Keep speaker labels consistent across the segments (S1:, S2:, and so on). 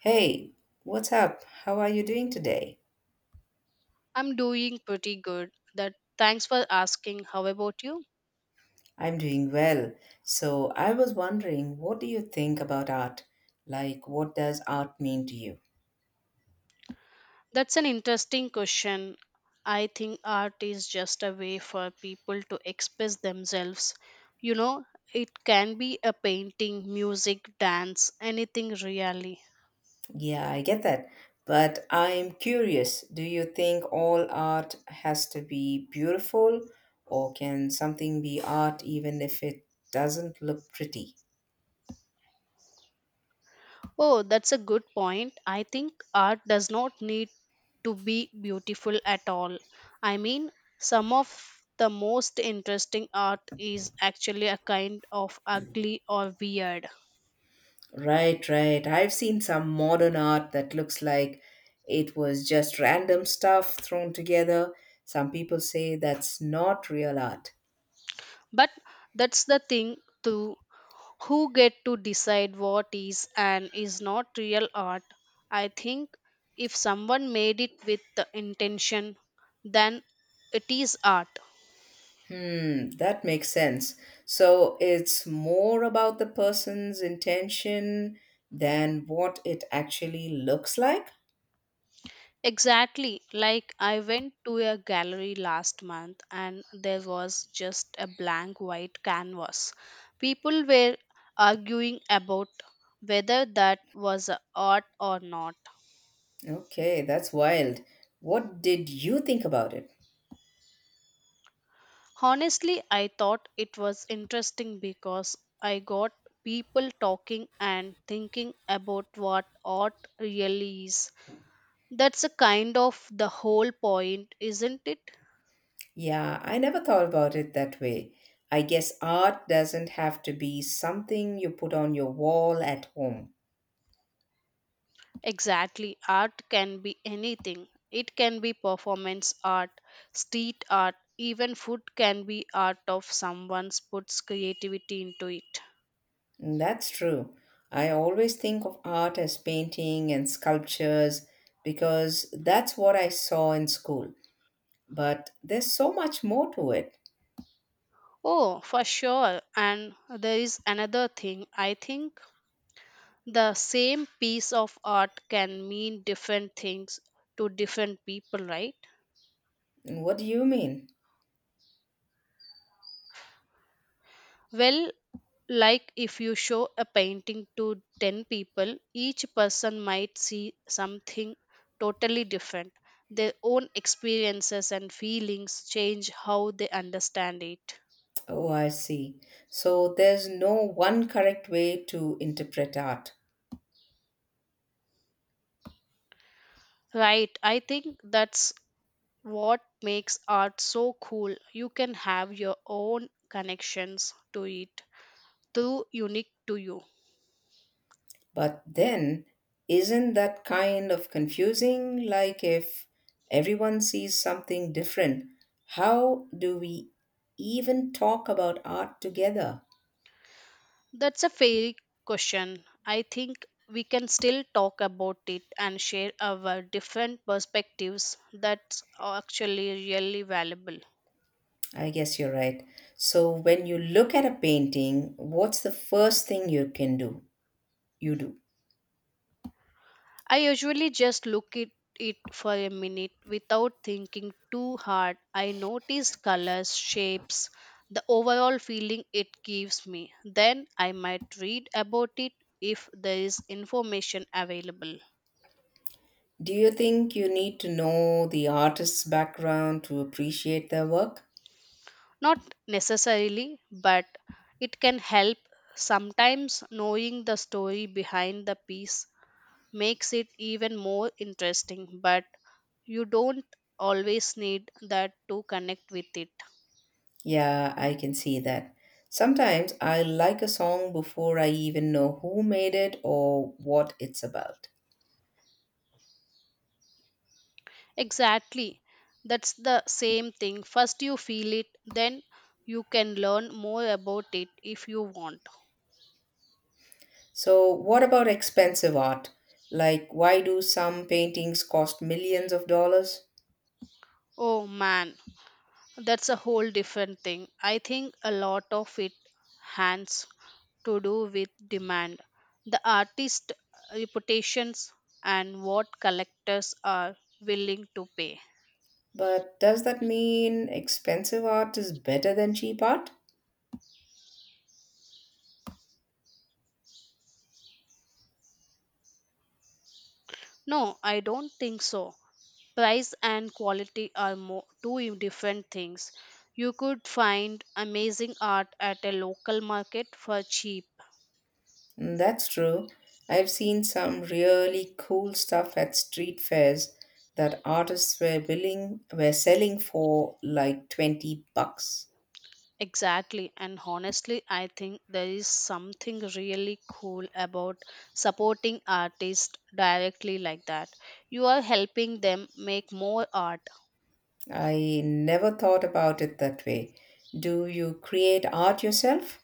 S1: Hey, what's up? How are you doing today?
S2: I'm doing pretty good. That thanks for asking. How about you?
S1: I'm doing well. So, I was wondering, what do you think about art? Like, what does art mean to you?
S2: That's an interesting question. I think art is just a way for people to express themselves. You know, it can be a painting, music, dance, anything really.
S1: Yeah, I get that. But I'm curious, do you think all art has to be beautiful, or can something be art even if it doesn't look pretty?
S2: Oh, that's a good point. I think art does not need to be beautiful at all. I mean, some of the most interesting art is actually a kind of ugly or weird.
S1: Right, right. I've seen some modern art that looks like it was just random stuff thrown together. Some people say that's not real art.
S2: But that's the thing too. Who get to decide what is and is not real art? I think if someone made it with the intention, then it is art.
S1: Hmm, that makes sense. So it's more about the person's intention than what it actually looks like?
S2: Exactly. Like I went to a gallery last month and there was just a blank white canvas. People were arguing about whether that was a art or not.
S1: Okay, that's wild. What did you think about it?
S2: Honestly, I thought it was interesting because I got people talking and thinking about what art really is. That's a kind of the whole point, isn't it?
S1: Yeah, I never thought about it that way. I guess art doesn't have to be something you put on your wall at home.
S2: Exactly. Art can be anything. It can be performance art, street art, even food can be art of someone's puts creativity into it.
S1: Mm, that's true. I always think of art as painting and sculptures because that's what I saw in school. But there's so much more to it.
S2: Oh, for sure. And there is another thing. I think the same piece of art can mean different things to different people, right?
S1: Mm, what do you mean?
S2: Well, like if you show a painting to 10 people, each person might see something totally different. Their own experiences and feelings change how they understand it.
S1: Oh, I see. So there's no one correct way to interpret art.
S2: Right, I think that's what makes art so cool. You can have your own connections to it, too, unique to you.
S1: But then, isn't that kind of confusing? Like, if everyone sees something different, how do we even talk about art together?
S2: That's a fair question. I think we can still talk about it and share our different perspectives. That's actually really valuable.
S1: I guess you're right. So, when you look at a painting, what's the first thing you can do? You do.
S2: I usually just look at it for a minute without thinking too hard. I notice colors, shapes, the overall feeling it gives me. Then I might read about it if there is information available.
S1: Do you think you need to know the artist's background to appreciate their work?
S2: Not necessarily, but it can help. Sometimes knowing the story behind the piece makes it even more interesting, but you don't always need that to connect with it.
S1: Yeah, I can see that. Sometimes I like a song before I even know who made it or what it's about.
S2: Exactly. That's the same thing. First you feel it, then you can learn more about it if you want.
S1: So, what about expensive art? Like, why do some paintings cost millions of dollars?
S2: Oh man, that's a whole different thing. I think a lot of it hands to do with demand, the artist reputations, and what collectors are willing to pay.
S1: But does that mean expensive art is better than cheap art?
S2: No, I don't think so. Price and quality are more, two different things. You could find amazing art at a local market for cheap.
S1: Mm, that's true. I've seen some really cool stuff at street fairs that artists were selling for like 20 bucks.
S2: Exactly, and honestly, I think there is something really cool about supporting artists directly like that. You are helping them make more art.
S1: I never thought about it that way. Do you create art yourself?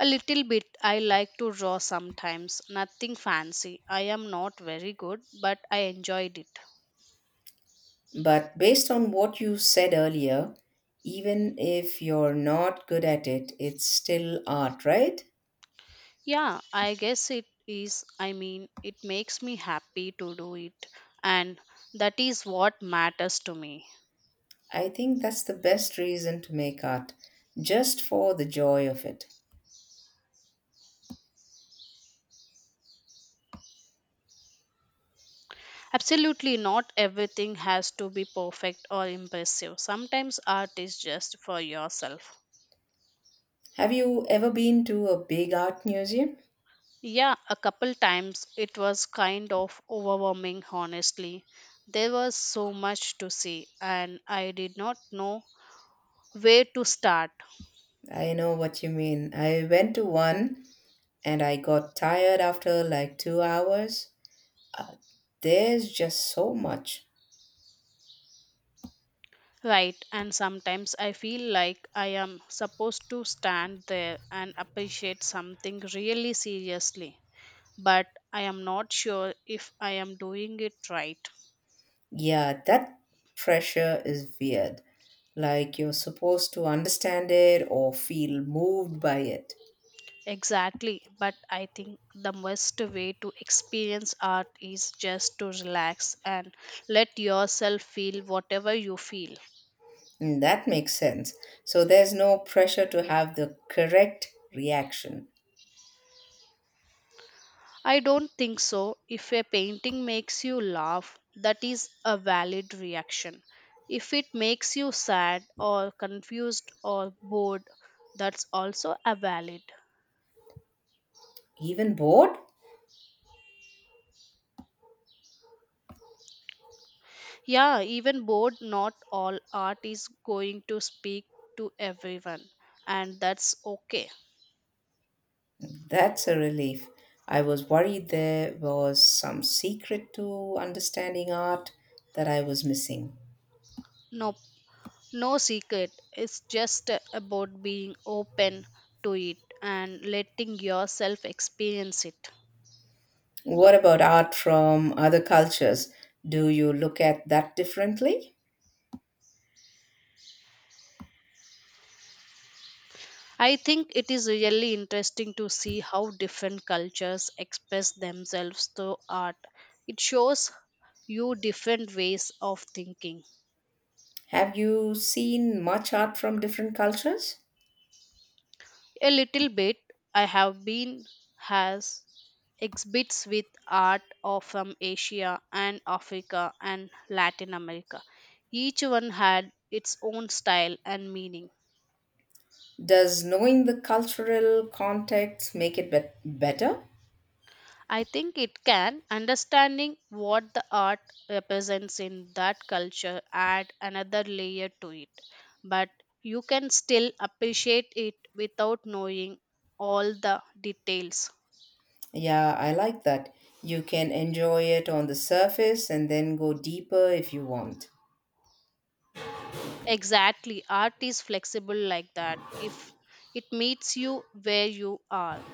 S2: A little bit, I like to draw sometimes, nothing fancy. I am not very good, but I enjoyed it.
S1: But based on what you said earlier, even if you're not good at it, it's still art, right?
S2: Yeah, I guess it is. I mean, it makes me happy to do it, and that is what matters to me.
S1: I think that's the best reason to make art, just for the joy of it.
S2: Absolutely, not everything has to be perfect or impressive. Sometimes art is just for yourself.
S1: Have you ever been to a big art museum?
S2: Yeah, a couple times it was kind of overwhelming, honestly. There was so much to see, and I did not know where to start.
S1: I know what you mean. I went to one and I got tired after like 2 hours. Uh, there's just so much.
S2: Right, and sometimes I feel like I am supposed to stand there and appreciate something really seriously, but I am not sure if I am doing it right.
S1: Yeah, that pressure is weird. Like you're supposed to understand it or feel moved by it.
S2: Exactly, but I think the best way to experience art is just to relax and let yourself feel whatever you feel.
S1: Mm, that makes sense. So there's no pressure to have the correct reaction.
S2: I don't think so. If a painting makes you laugh, that is a valid reaction. If it makes you sad or confused or bored, that's also a valid.
S1: Even bored?
S2: Yeah, even bored, not all art is going to speak to everyone, and that's okay.
S1: That's a relief. I was worried there was some secret to understanding art that I was missing.
S2: No, no secret. It's just about being open to it and letting yourself experience it.
S1: What about art from other cultures? Do you look at that differently?
S2: I think it is really interesting to see how different cultures express themselves through art. It shows you different ways of thinking.
S1: Have you seen much art from different cultures?
S2: A little bit, I have been has exhibits with art of from Asia and Africa and Latin America. Each one had its own style and meaning.
S1: Does knowing the cultural context make it bet better?
S2: I think it can. Understanding what the art represents in that culture add another layer to it. But you can still appreciate it without knowing all the details.
S1: Yeah, I like that. You can enjoy it on the surface and then go deeper if you want.
S2: Exactly. Art is flexible like that. If it meets you where you are.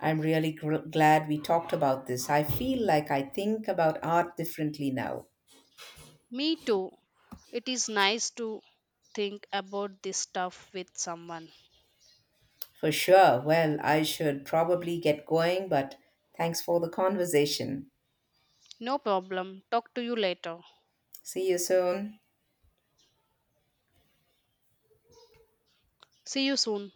S1: I'm really glad we talked about this. I feel like I think about art differently now.
S2: Me too. It is nice to think about this stuff with someone.
S1: For sure. Well, I should probably get going, but thanks for the conversation.
S2: No problem. Talk to you later.
S1: See you soon.
S2: See you soon.